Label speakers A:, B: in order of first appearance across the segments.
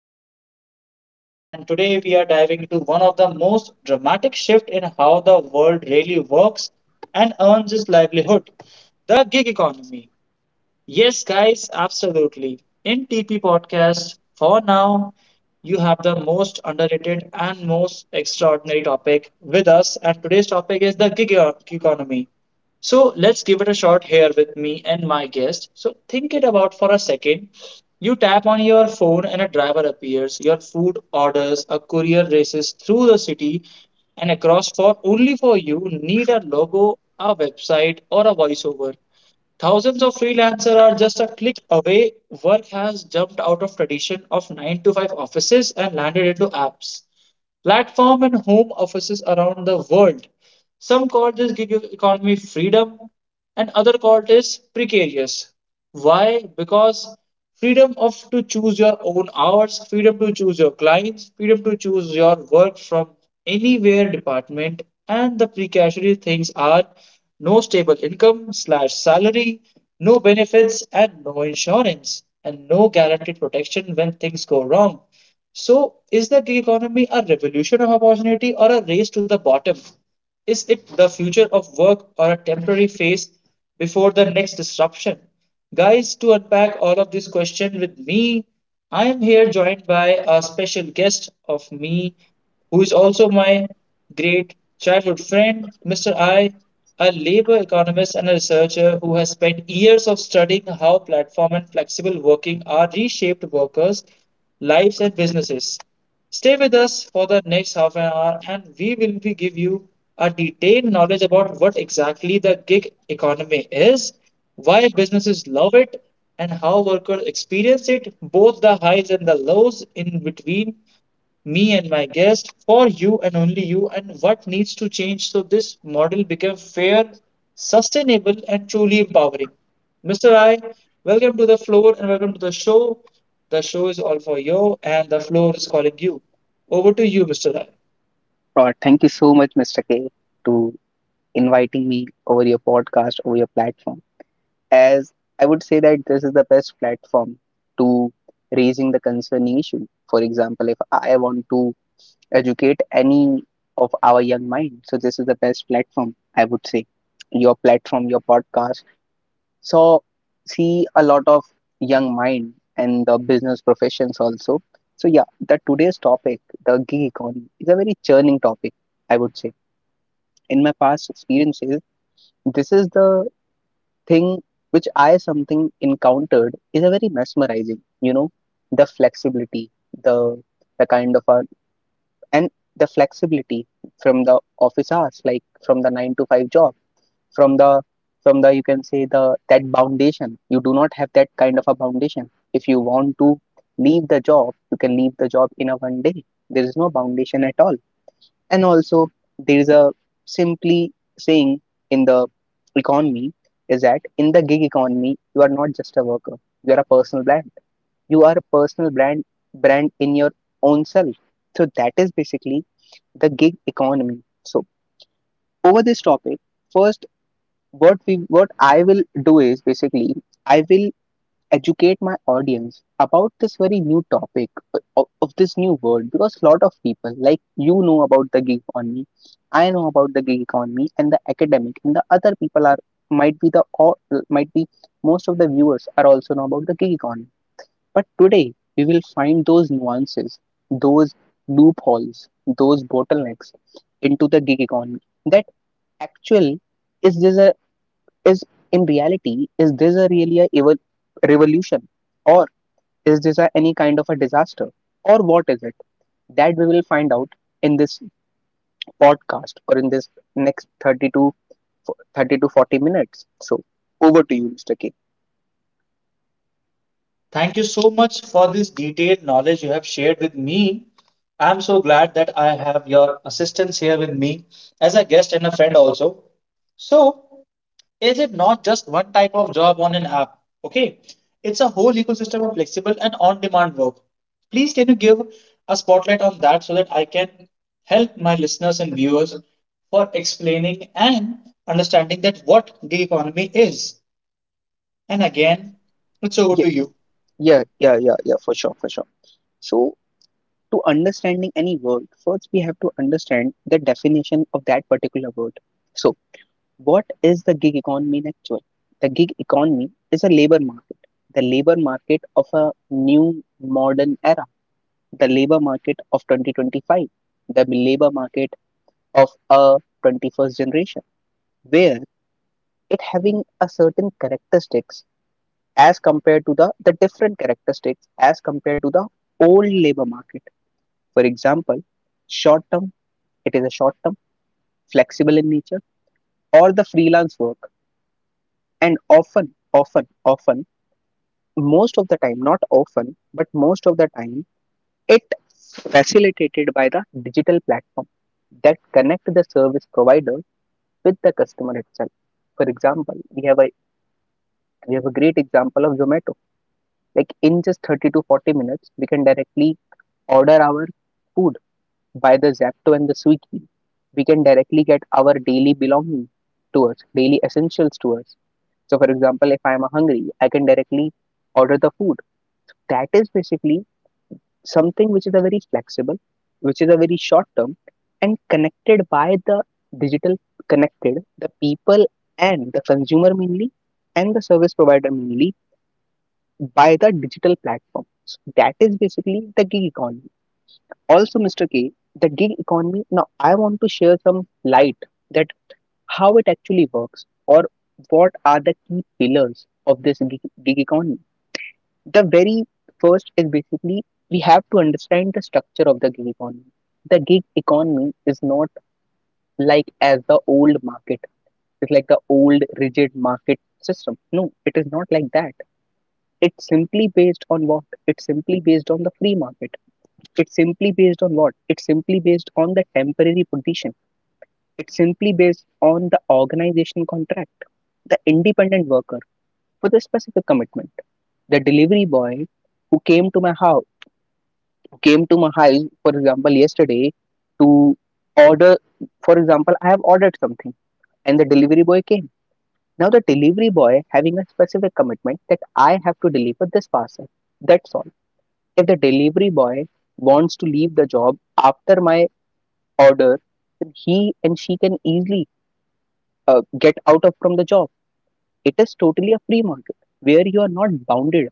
A: your host, Mr. K, and today we are diving into one of the most dramatic shifts in how the world really works and earns its livelihood, the gig economy. Yes, guys, absolutely. In TP Podcast, for now, you have the most underrated and most extraordinary topic with us, and today's topic is the economy. So let's give it a shot here with me and my guest. So think it about for a second. You tap on your phone and a driver appears. Your food orders, a courier races through the city and across for only for you need a logo, a website or a voiceover. Thousands of freelancers are just a click away. Work has jumped out of tradition of 9 to 5 offices and landed into apps, platform and home offices around the world. Some call this gig economy freedom, and other call it is precarious. Why? Because freedom of to choose your own hours, freedom to choose your clients, freedom to choose your work from anywhere department, and the precarious things are no stable income slash salary, no benefits, and no insurance, and no guaranteed protection when things go wrong. So, is the gig economy a revolution of opportunity or a race to the bottom? Is it the future of work or a temporary phase before the next disruption? Guys, to unpack all of this question with me, I am here joined by a special guest of me who is also my great childhood friend, Mr. I, a labor economist and a researcher who has spent years of studying how platform and flexible working are reshaped workers' lives and businesses. Stay with us for the next half an hour and we will be give you a detailed knowledge about what exactly the gig economy is, why businesses love it, and how workers experience it, both the highs and the lows in between me and my guest for you and only you, and what needs to change so this model becomes fair, sustainable and truly empowering. Mr. I, welcome to the floor and welcome to the show. The show is all for you and the floor is calling you. Over to you, Mr. I.
B: Thank you so much, Mr. K, to inviting me over your podcast, over your platform. As I would say that this is the best platform to raising the concerning issue. For example, if I want to educate any of our young mind, so this is the best platform. I would say your platform, your podcast. So see a lot of young mind and the business professions also. So yeah, the today's topic, the gig economy, is a very churning topic. I would say in my past experiences, this is the thing which I something encountered is a very mesmerizing, the flexibility, the the kind of a and the flexibility from the office hours, like from the 9 to 5 job, from the you can say the that foundation. You do not have that kind of a foundation. If you want to leave the job, you can leave the job in a one day. There is no foundation at all. And also, there is a simply saying in the economy is that in the gig economy, you are not just a worker, you are a personal brand. You are a personal brand in your own self. So that is basically the gig economy. So over this topic, first what I will do is basically I will educate my audience about this very new topic of this new world because a lot of people like you know about the gig economy. I know about the gig economy and the academic and the other people are might be the or might be most of the viewers are also know about the gig economy, but today we will find those nuances, those loopholes, those bottlenecks into the gig economy that actually is this a is in reality is this a really a revolution or is this a, any kind of a disaster? Or what is it? That we will find out in this podcast or in this next 30 to 40 minutes. So, over to you, Mr. K.
A: Thank you so much for this detailed knowledge you have shared with me. I'm so glad that I have your assistance here with me as a guest and a friend also. So, is it not just one type of job on an app? Okay, it's a whole ecosystem of flexible and on demand work. Please, can you give a spotlight on that so that I can help my listeners and viewers for explaining and understanding that what gig economy is? And again, it's over
B: Yeah,
A: to you.
B: yeah, for sure, for sure. So, to understanding any word, first we have to understand the definition of that particular word. So, what is the gig economy in actual? The gig economy is a labor market, the labor market of a new modern era, the labor market of 2025, the labor market of a 21st generation, where it having a certain characteristics as compared to the different characteristics as compared to the old labor market. For example, short term, it is a short term, flexible in nature, or the freelance work. And often, most of the time, not often, but most of the time, it facilitated by the digital platform that connect the service provider with the customer itself. For example, we have a great example of Zomato. Like in just 30 to 40 minutes, we can directly order our food by the Zapto and the Swiggy. We can directly get our daily belongings to us, daily essentials to us. So, for example, if I am hungry, I can directly order the food. That is basically something which is a very flexible, which is a very short term and connected by the digital, connected the people and the consumer mainly and the service provider mainly by the digital platform. So that is basically the gig economy. Also, Mr. K, the gig economy. Now, I want to share some light that how it actually works or what are the key pillars of this gig economy. The very first is basically we have to understand the structure of the gig economy. The gig economy is not like as the old market, it's like the old rigid market system. No, it is not like that. It's simply based on what? It's simply based on the free market. It's simply based on what? It's simply based on the temporary position. It's simply based on the organization contract, the independent worker for the specific commitment. The delivery boy who came to my house for example, yesterday to order, for example, I have ordered something and the delivery boy came. Now, the delivery boy having a specific commitment that I have to deliver this parcel. That's all. If the delivery boy wants to leave the job after my order, then he and she can easily get out of from the job. It is totally a free market where you are not bounded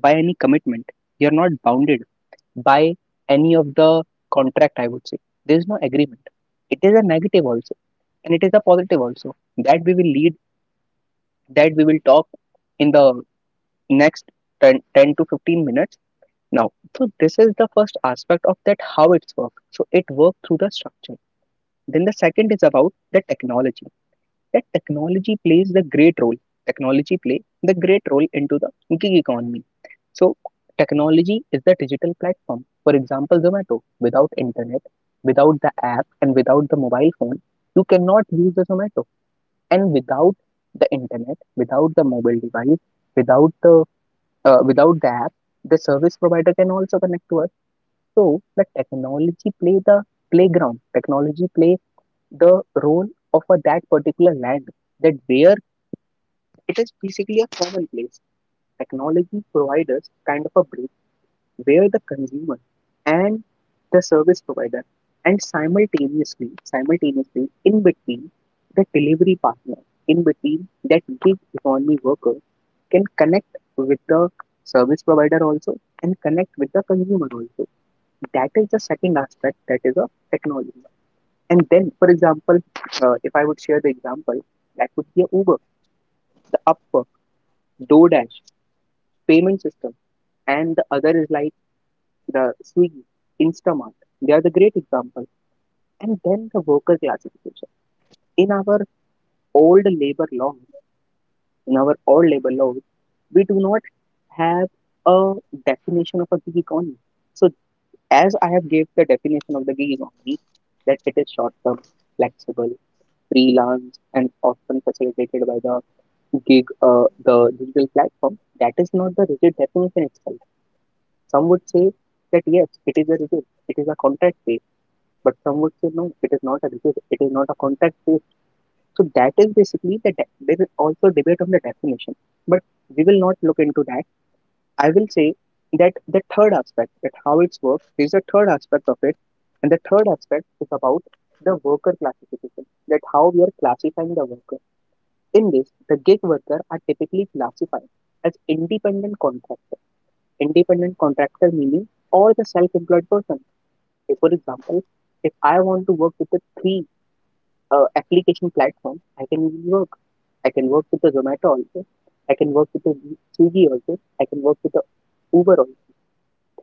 B: by any commitment. You are not bounded by any of the contract. I would say there is no agreement. It is a negative also and it is a positive also that we will lead, that we will talk in the next 10 to 15 minutes now. So this is the first aspect of that how it's work, so it works through the structure. Then the second is about the technology, that technology plays the great role. Technology play the great role into the gig economy. So technology is the digital platform. For example, Zomato. Without internet, without the app, and without the mobile phone, you cannot use the Zomato. And without the internet, without the mobile device, without the without the app, the service provider can also connect to us. So the technology play the playground. Technology play the role of a, that particular land. That where it is basically a common place. Technology providers kind of a where the consumer and the service provider and simultaneously in between the delivery partner, in between that gig economy worker, can connect with the service provider also and connect with the consumer also. That is the second aspect, that is of technology. And then for example, if I would share the example, that would be a Uber, the Upwork, DoorDash payment system, and the other is like the Swiggy, Instamart, they are the great example. And then the worker classification. In our old labor laws, in our old labor laws, we do not have a definition of a gig economy. So as I have gave the definition of the gig economy, that it is short term, flexible, freelance, and often facilitated by the the digital platform. That is not the rigid definition itself. Some would say that yes, it is a rigid, it is a contract based, but some would say no, it is not a disease, it is not a contact phase. So that is basically there is also debate on the definition, but we will not look into that. I will say that the third aspect, that how it's worked, is the third aspect of it. And the third aspect is about the worker classification, that how we are classifying the worker. In this, the gig worker are typically classified as independent contractor. Independent contractor meaning or the self-employed person. Say for example, if I want to work with the 3 application platform, I can work. I can work with the Zomato also. I can work with the Swiggy also. I can work with the Uber also.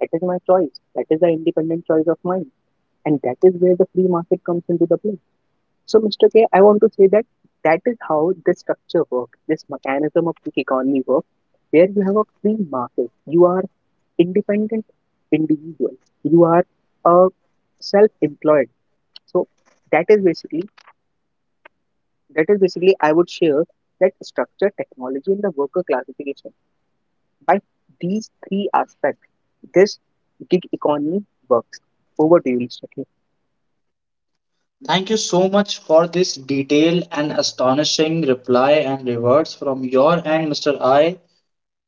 B: That is my choice. That is the independent choice of mine. And that is where the free market comes into the play. So, Mr. K, I want to say that that is how this structure works, this mechanism of the economy works, where you have a free market. You are independent individual. You are a self-employed. So that is basically that is basically, I would share that structure, technology, and the worker classification. By these three aspects, this gig economy works. Over to you, Mr. K.
A: Thank you so much for this detailed and astonishing reply and rewards from your end, Mr. I.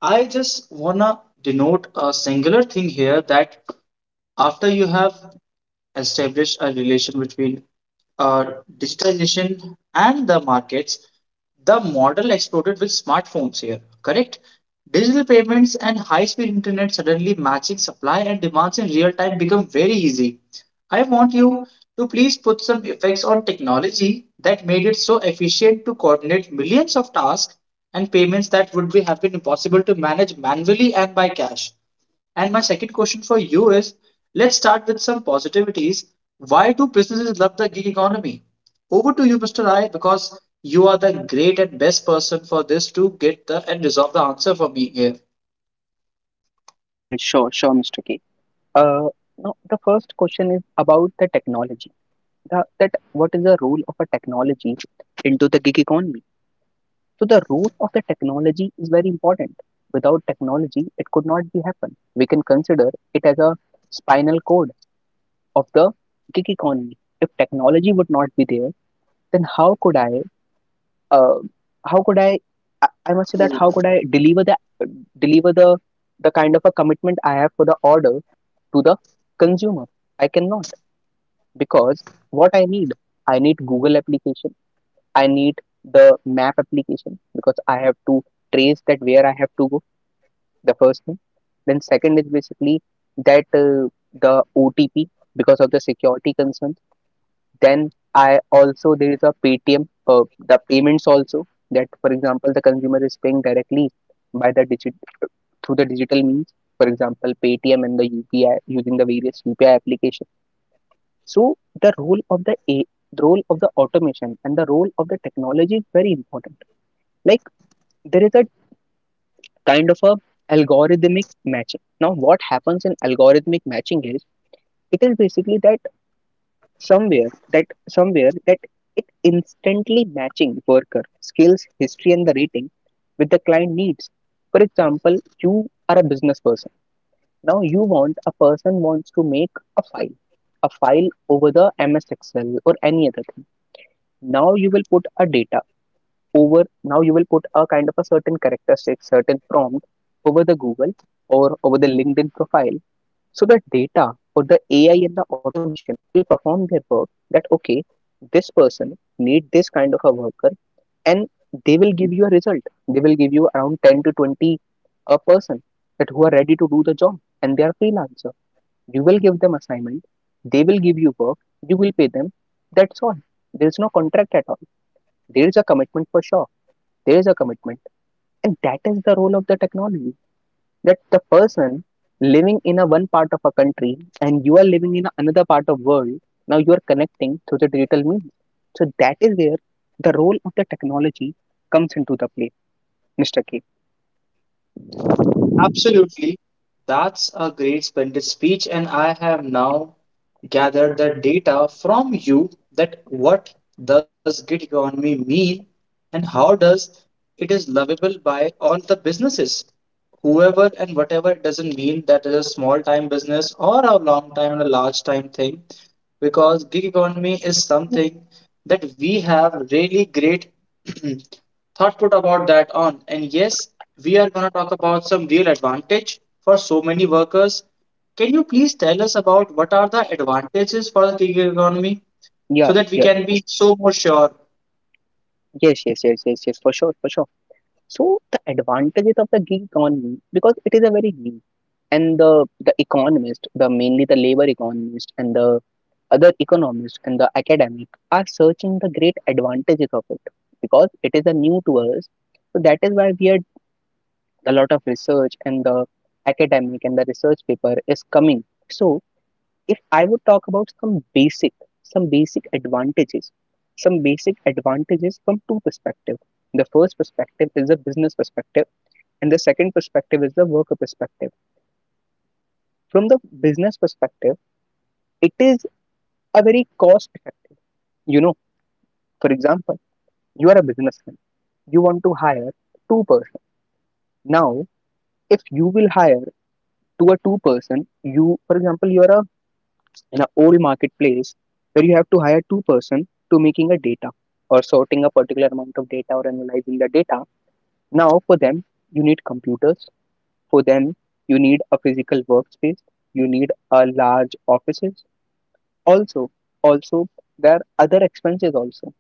A: I just wanna denote a singular thing here that after you have established a relation between uh, digitization and the markets, the model exploded with smartphones here, correct? Digital payments and high speed internet suddenly matching supply and demands in real time become very easy. I want you to please put some effects on technology that made it so efficient to coordinate millions of tasks and payments that would be have been impossible to manage manually and by cash. And my second question for you is let's start with some positivities. Why do businesses love the gig economy? Over to you, Mr. I, because you are the great and best person for this to get the and resolve the answer for me here.
B: Yeah, sure, sure, Mr. K. Uh, now the first question is about the technology. That what is the role of a technology into the gig economy? So the role of the technology is very important. Without technology, it could not be happen. We can consider it as a spinal cord of the gig economy. If technology would not be there, then Uh, how could I? I must say that how could I deliver the deliver the the kind of a commitment I have for the order to the consumer? I cannot because what I need Google application, I need the map application because I have to trace that where I have to go. The first thing, then second is basically that the OTP because of the security concern. Then I also there is a Paytm, the payments also, that for example the consumer is paying directly by the digit through the digital means, for example Paytm and the UPI using the various UPI application. So the role of the role of the automation and the role of the technology is very important. Like there is a kind of a algorithmic matching. Now what happens in algorithmic matching is it is basically that somewhere that it instantly matching worker skills history and the rating with the client needs. For example, you are a business person. Now you want a person, wants to make a file a file over the MS Excel or any other thing. Now you will put a data over now you will put a kind of a certain prompt over the Google or over the LinkedIn profile. So the data or the AI and the automation will perform their work, that, okay, this person need this kind of a worker, and they will give you a result. They will give you around 10 to 20 a person, that who are ready to do the job and they are freelancer. You will give them assignment, they will give you work, you will pay them. That's all. There is no contract at all. There is a commitment for sure. There is a commitment. And that is the role of the technology, that the person living in a one part of a country and you are living in another part of world, now you are connecting through the digital means. So that is where the role of the technology comes into the play, Mr. K.
A: Absolutely. That's a great splendid speech, and I have now gathered the data from you that what does gig economy mean and how does it is lovable by all the businesses. Whoever and whatever it doesn't mean that is a small time business or a long time and a large time thing, because gig economy is something that we have really great thought put about that on. And yes, we are going to talk about some real advantage for so many workers. Can you please tell us about what are the advantages for the gig economy
B: Yeah,
A: so that we
B: yeah,
A: can be so more sure?
B: yes, yes, yes, yes, yes, for sure, for sure. So the advantages of the gig economy, because it is a very new, and the economist, the mainly the labor economist, and the other economists and the academic are searching the great advantages of it, because it is a new to us. So that is why we are a lot of research, and the academic and the research paper is coming. So if I would talk about some basic advantages, some basic advantages from two perspectives. The first perspective is the business perspective, and the second perspective is the worker perspective. From the business perspective, it is a very cost effective. You know, for example, you are a businessman. You want to hire two person. Now if you will hire to a two person, you, for example, you are a in an old marketplace where you have to hire two person to making a data or sorting a particular amount of data or analyzing the data. Now for them you need computers, for them you need a physical workspace, you need a large offices. Also also, there are other expenses also.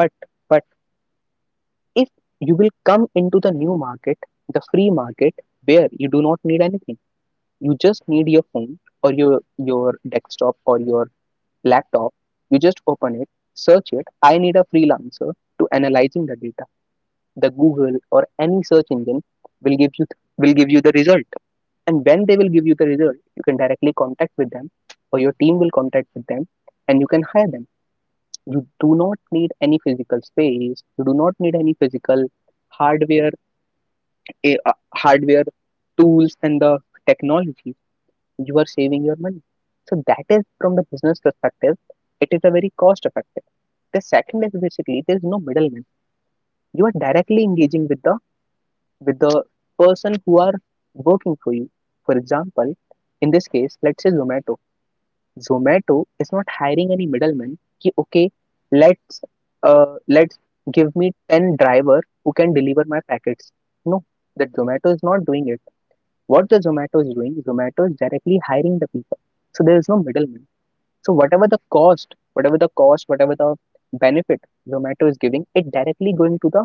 B: But but if you will come into the new market, the free market, where you do not need anything. You just need your phone or your desktop or your laptop. You just open it, search it. I need a freelancer to analyzing the data. The Google or any search engine will give you will give you the result. And when they will give you the result, you can directly contact with them, or your team will contact with them, and you can hire them. You do not need any physical space. You do not need any physical hardware hardware, tools, and the technology. You are saving your money. So that is, from the business perspective, it is a very cost effective. The second is, basically, there is no middleman. You are directly engaging with the, with the person who are working for you. For example, in this case, let's say Zomato. Zomato is not hiring any middleman. Ki, okay, let's let's give me 10 driver who can deliver my packets. No, that Zomato is not doing it, what the Zomato is doing, Zomato is directly hiring the people. So there is no middleman. So whatever the cost, whatever the cost, whatever the benefit Zomato is giving, it directly going to the,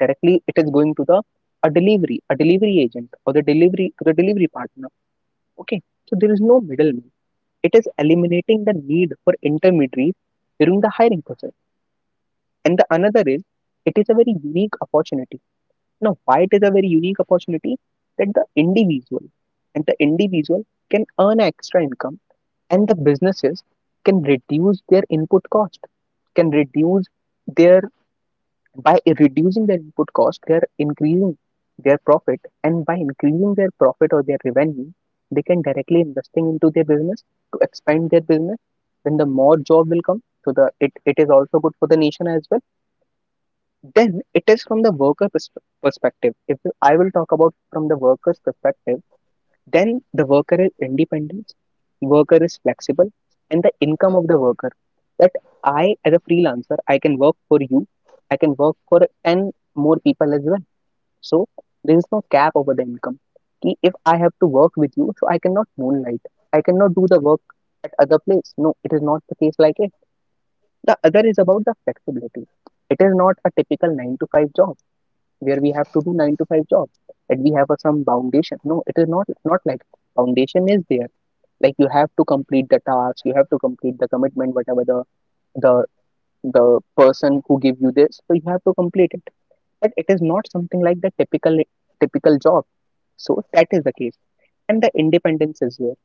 B: directly it is going to the a delivery agent, or the delivery partner. Okay. So there is no middleman. It is eliminating the need for intermediaries during the hiring process. And the another is, it is a very unique opportunity. Now, why it is a very unique opportunity? That the individual and the individual can earn extra income, and the businesses can reduce their input cost, can reduce their by reducing their input cost, they are increasing their profit, and by increasing their profit or their revenue, they can directly investing into their business to expand their business. Then the more job will come. So it is also good for the nation as well. Then it is from the worker perspective. If I will talk about from the worker's perspective, then the worker is independent, worker is flexible, and the income of the worker, that I, as a freelancer, I can work for you, I can work for 10 more people as well. So there is no cap over the income. Ki if I have to work with you, so I cannot moonlight, I cannot do the work at other place. No, it is not the case, like it. The other is about the flexibility. It is not a typical 9 to 5 job where we have to do nine to five job, and we have some foundation. No, it is not, it's not like. Foundation is there, like you have to complete the task, you have to complete the commitment, whatever the the person who give you this, so you have to complete it. But it is not something like the typical job. So that is the case, and the independence is there.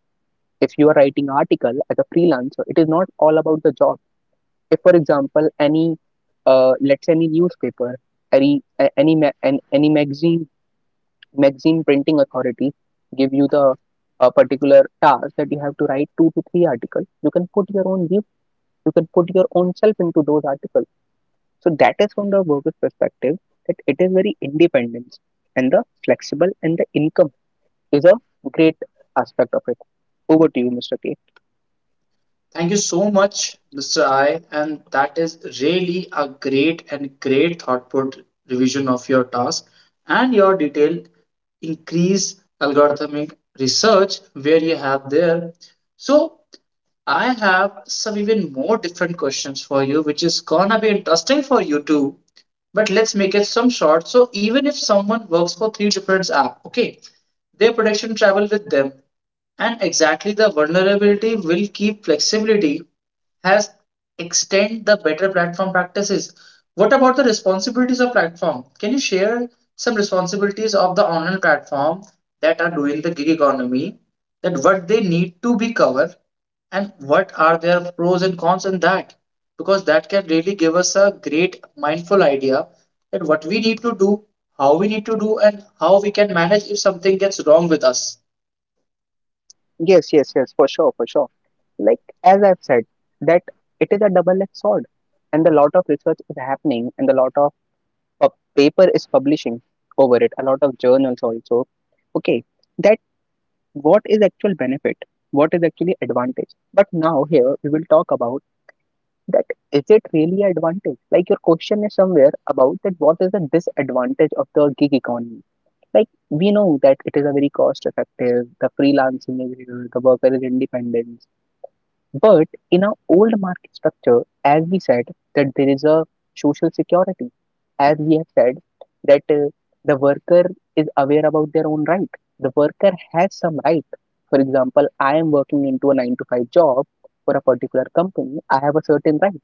B: If you are writing article as a freelancer, it is not all about the job. If for example any, let's say any newspaper, any any magazine, printing authority, give you the, a particular task, that you have to write two to three articles. You can put your own view, you can put your own self into those articles. So that is from the worker's perspective, that it is very independent and the flexible, and the income is a great aspect of it. Over to you, Mr. K.
A: Thank you so much, Mr. I. And that is really a great and great thought put revision of your task and your detailed increase algorithmic research where you have there. So I have some even more different questions for you, which is gonna be interesting for you too. But let's make it some short. So even if someone works for three different apps, okay, their production travel with them and exactly the vulnerability will keep flexibility has extend the better platform practices. What about the responsibilities of platform? Can you share some responsibilities of the online platform that are doing the gig economy? That what they need to be covered and what are their pros and cons in that? Because that can really give us a great mindful idea that what we need to do, how we need to do, and how we can manage if something gets wrong with us.
B: Yes, yes, yes, for sure, for sure. Like, as I've said, that it is a double-edged sword, and a lot of research is happening, and a lot of paper is publishing over it, a lot of journals also. Okay, that what is actual benefit, what is actually advantage. But now here we will talk about that, is it really advantage? Like your question is somewhere about that, what is the disadvantage of the gig economy? Like we know that it is a very cost effective, the freelancing is here, the worker is independent. But in our old market structure, as we said, that there is a social security, as we have said, that the worker is aware about their own right. The worker has some right. For example, I am working into a nine to five job for a particular company. I have a certain right.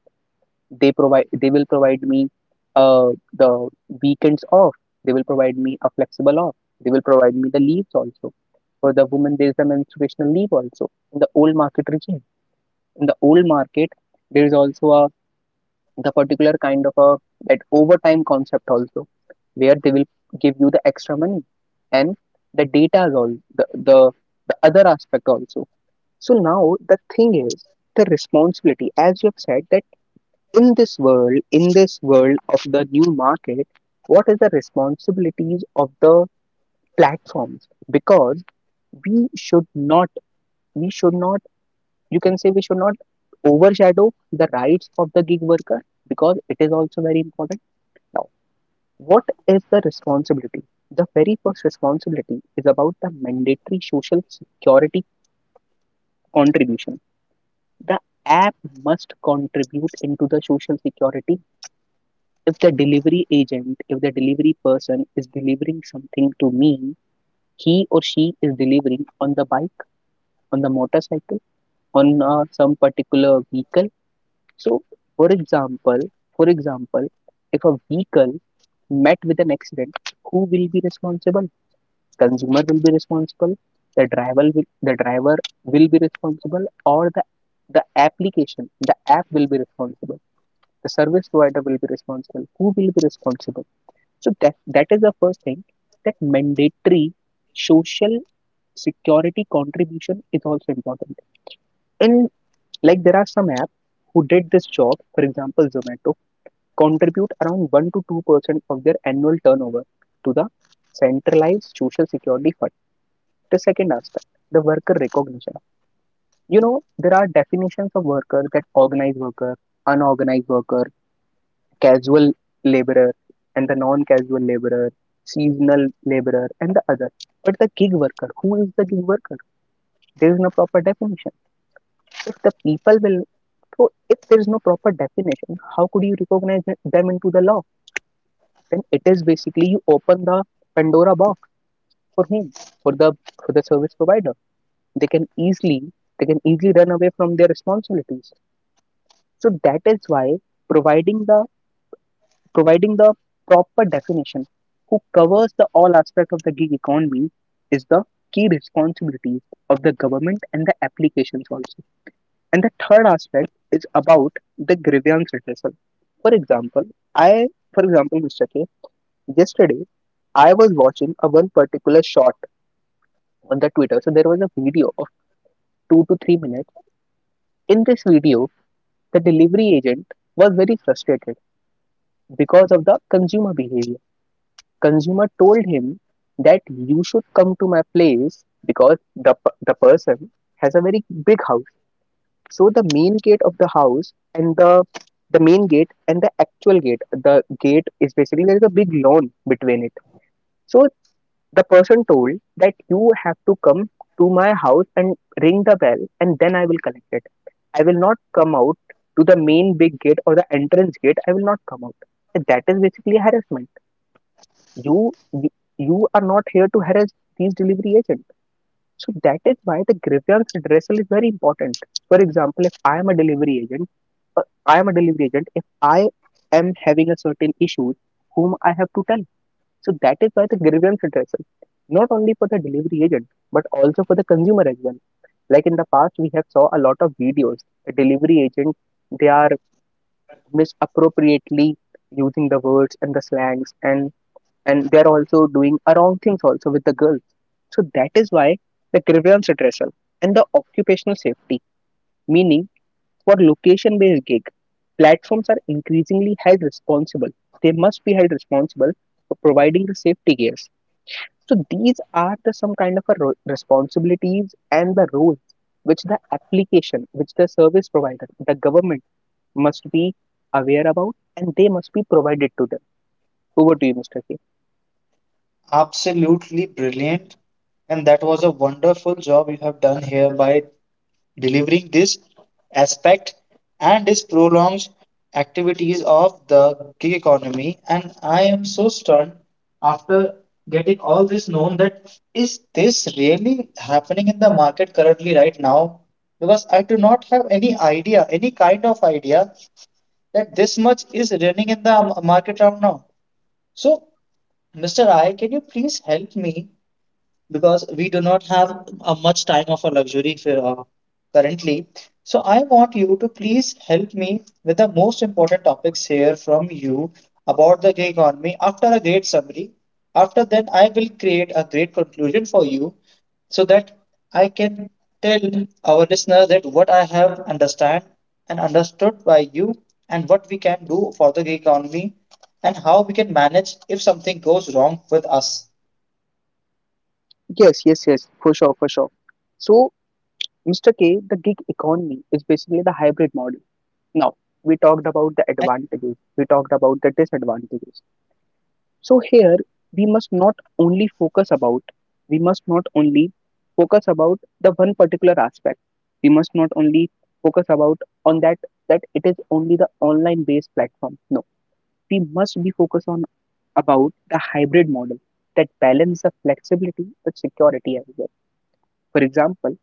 B: They will provide me, the weekends off. They will provide me a flexible off. They will provide me the leaves also. For the woman, there is the menstruational leave also in the old market regime. In the old market there is also a, the particular kind of a, that overtime concept also, where they will give you the extra money, and the data is all the other aspect also. So now the thing is, the responsibility, as you have said, that in this world, in this world of the new market, what is the responsibilities of the platforms? Because we should not we should not, you can say, we should not overshadow the rights of the gig worker, because it is also very important. Now, what is the responsibility? The very first responsibility is about the mandatory social security contribution. The app must contribute into the social security. If the delivery agent, if the delivery person is delivering something to me, he or she is delivering on the bike, on the motorcycle, on some particular vehicle. So, for example, for example, if a vehicle met with an accident, who will be responsible? Consumer will be responsible, the driver will, be responsible, or the application, the app will be responsible, the service provider will be responsible. Who will be responsible? So that is the first thing, that mandatory social security contribution is also important. And like there are some apps who did this job, for example, Zomato, contribute around 1 to 2% of their annual turnover to the centralized social security fund. The second aspect, the worker recognition. You know, there are definitions of worker, that organized worker, unorganized worker, casual laborer, and the non casual laborer, seasonal laborer, and the other. But the gig worker, who is the gig worker? There is no proper definition. If the people will, so if there is no proper definition, how could you recognize them into the law? Then it is basically you open the Pandora box. For whom? for the for the service provider, they can easily run away from their responsibilities. So that is why providing the providing the proper definition, who covers the all aspect of the gig economy, is the key responsibility of the government and the applications also. And the third aspect is about the grievance reversal. For example, i Mr. K, yesterday I was watching a one particular shot on the Twitter. So there was a video of 2 to 3 minutes. In this video, the delivery agent was very frustrated because of the consumer behavior. Consumer told him that you should come to my place because the person has a very big house. So the main gate of the house and the actual gate, the gate is basically there is a big lawn between it. So the person told that you have to come to my house and ring the bell, and then I will collect it. I will not come out to the main big gate or the entrance gate. I will not come out. And that is basically harassment. You you you are not here to harass these delivery agents. So that is why the grievance redressal is very important. For example, if I am a delivery agent, I am a delivery agent. If I am having a certain issue, whom I have to tell? So that is why the grievance addressal, not only for the delivery agent, but also for the consumer as well. Like in the past, we have saw a lot of videos. A delivery agent, they are misappropriately using the words and the slangs, and they are also doing wrong things also with the girls. So that is why the grievance addressal and the occupational safety, meaning for location-based gig, platforms are increasingly held responsible. They must be held responsible for providing the safety gears. So these are the some kind of a responsibilities and the roles which the application, which the service provider, the government must be aware about, and they must be provided to them. Over to you, Mr. K.
A: Absolutely brilliant. And that was a wonderful job you have done here by delivering this aspect and this prolonged activities of the gig economy. And I am so stunned after getting all this known that is this really happening in the market currently right now? Because I do not have any idea, any kind of idea that this much is running in the market right now. So, Mr. I, can you please help me? Because we do not have a much time of a luxury for, currently. So I want you to please help me with the most important topics here from you about the gig economy. After a great summary, after then I will create a great conclusion for you so that I can tell our listener that what I have understand and understood by you and what we can do for the gig economy and how we can manage if something goes wrong with us. Over to you, Mr. Rai. Thank you so
B: Yes, yes,
A: much.
B: yes, for sure, for sure. So, Mr. K, the gig economy is basically the hybrid model. Now, we talked about the
A: And
B: advantages, we talked about the disadvantages. So here we must not only focus about we must not only focus about the one particular aspect. We must not only focus about on that, that it is only the online based platform. No, we must be focused on about the hybrid model that balance the flexibility with security as well. For example,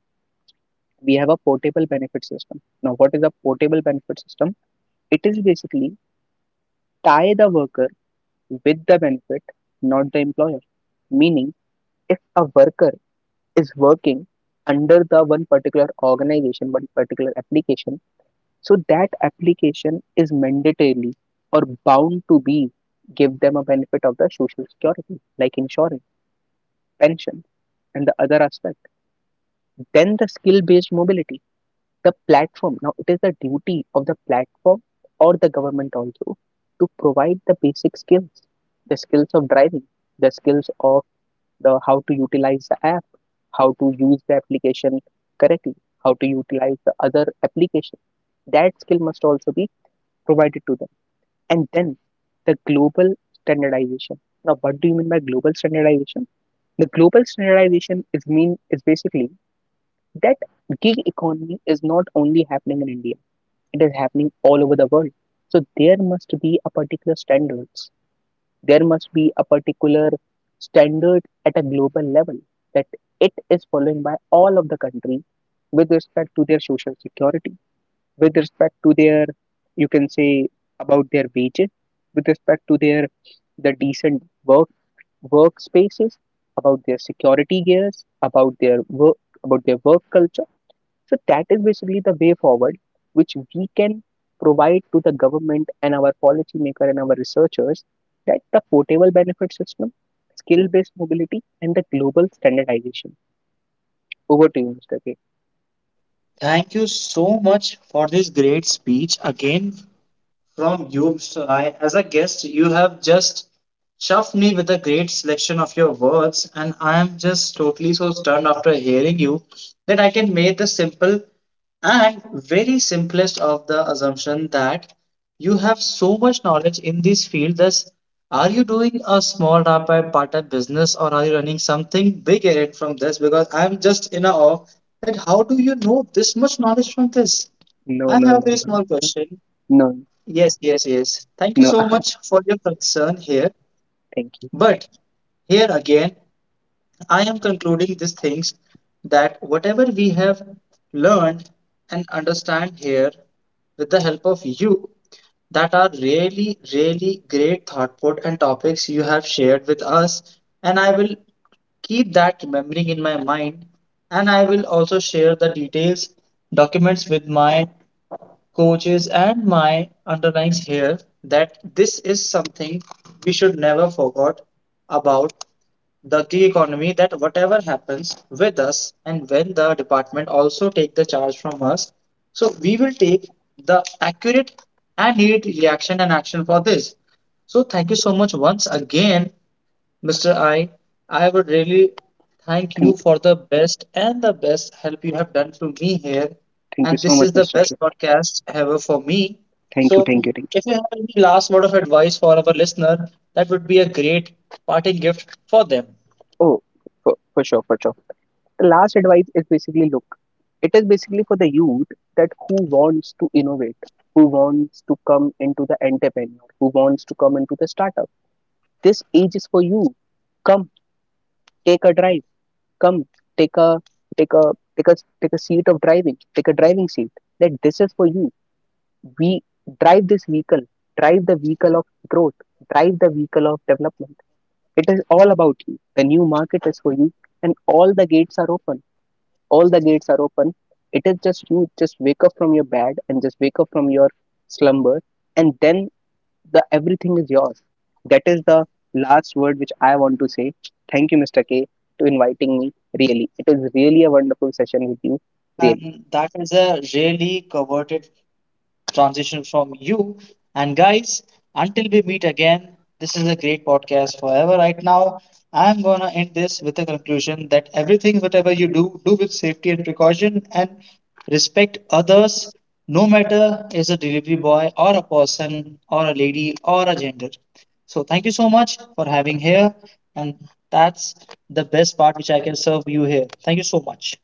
B: we have a portable benefit system. Now, what is a portable benefit system? It is basically tie the worker with the benefit, not the employer, meaning if a worker is working under the one particular organization, one particular application, so that application is mandatorily or bound to be give them a benefit of the social security, like insurance, pension, and the other aspect. Then the skill based mobility, the platform. Now it is the duty of the platform or the government also to provide the basic skills, the skills of driving, the skills of the how to utilize the app, how to use the application correctly, how to utilize the other application. That skill must also be provided to them. And then the global standardization. Now, what do you mean by global standardization? The global standardization is basically that gig economy is not only happening in India; it is happening all over the world. So there must be a particular standard at a global level that it is followed by all of the countries with respect to their social security, with respect to their, you can say, about their wages, with respect to their the decent work workspaces, about their security gears, about their work culture. So that is basically the way forward, which we can provide to the government and our policymaker and our researchers, that the portable benefit system, skill-based mobility, and the global standardization. Over to you, Mr. K.
A: thank you so much for this great speech again from Yoob's Eye. As a guest, you have just chuffed me with a great selection of your words, and I am just totally so stunned after hearing you that I can make the simple and very simplest of the assumption that you have so much knowledge in this field. Thus, are you doing a small rap by part-time business or are you running something big in it from this? Because I'm just in awe that how do you know this much knowledge from this?
B: No,
A: I
B: no,
A: have a
B: no,
A: very small
B: no,
A: question.
B: no,
A: Yes, yes, yes. Thank you
B: no.
A: so much for your
B: Yes,
A: concern here.
B: thank you,
A: But here again, I am concluding these things that whatever we have learned and understand here with the help of you, that are really, really great thought put and topics you have shared with us. And I will keep that remembering in my mind, and I will also share the details documents with my coaches and my underlines here that this is something we should never forget about the gig economy, that whatever happens with us and when the department also take the charge from us, so we will take the accurate and needed reaction and action for this. So thank you so much once again, Mr. I would really thank
B: thank,
A: you for the best and the best help you have done to me here.
B: thank you
A: And
B: so
A: this
B: much,
A: is the
B: Mr. K.
A: best podcast ever for me.
B: Thank you,
A: So,
B: thank you, thank
A: if you have any last word of advice for our listener, that would be a great parting gift for them.
B: you. Oh, for sure, for sure. The last advice is basically look, it is basically for the youth, that who wants to innovate, who wants to come into the entrepreneur, who wants to come into the startup, this age is for you. Come, take a drive. Come, take a take a take a take a seat of driving, take a driving seat, that this is for you. We drive this vehicle, drive the vehicle of growth, drive the vehicle of development. It is all about you. The new market is for you, and all the gates are open, all the gates are open it is just you, just wake up from your bed and just wake up from your slumber, and then the everything is yours. That is the last word which I want to say. Thank you, Mr. K, to inviting me. Really, it is really a wonderful session with you. Really.
A: And that is a really coveted transition from you. And guys, until we meet again, this is a great podcast forever. Right now, I'm gonna end this with a conclusion that everything, whatever you do, do with safety and precaution and respect others, no matter is a delivery boy or a person or a lady or a gender. So thank you so much for having here, and that's the best part which I can serve you here. Thank you so much.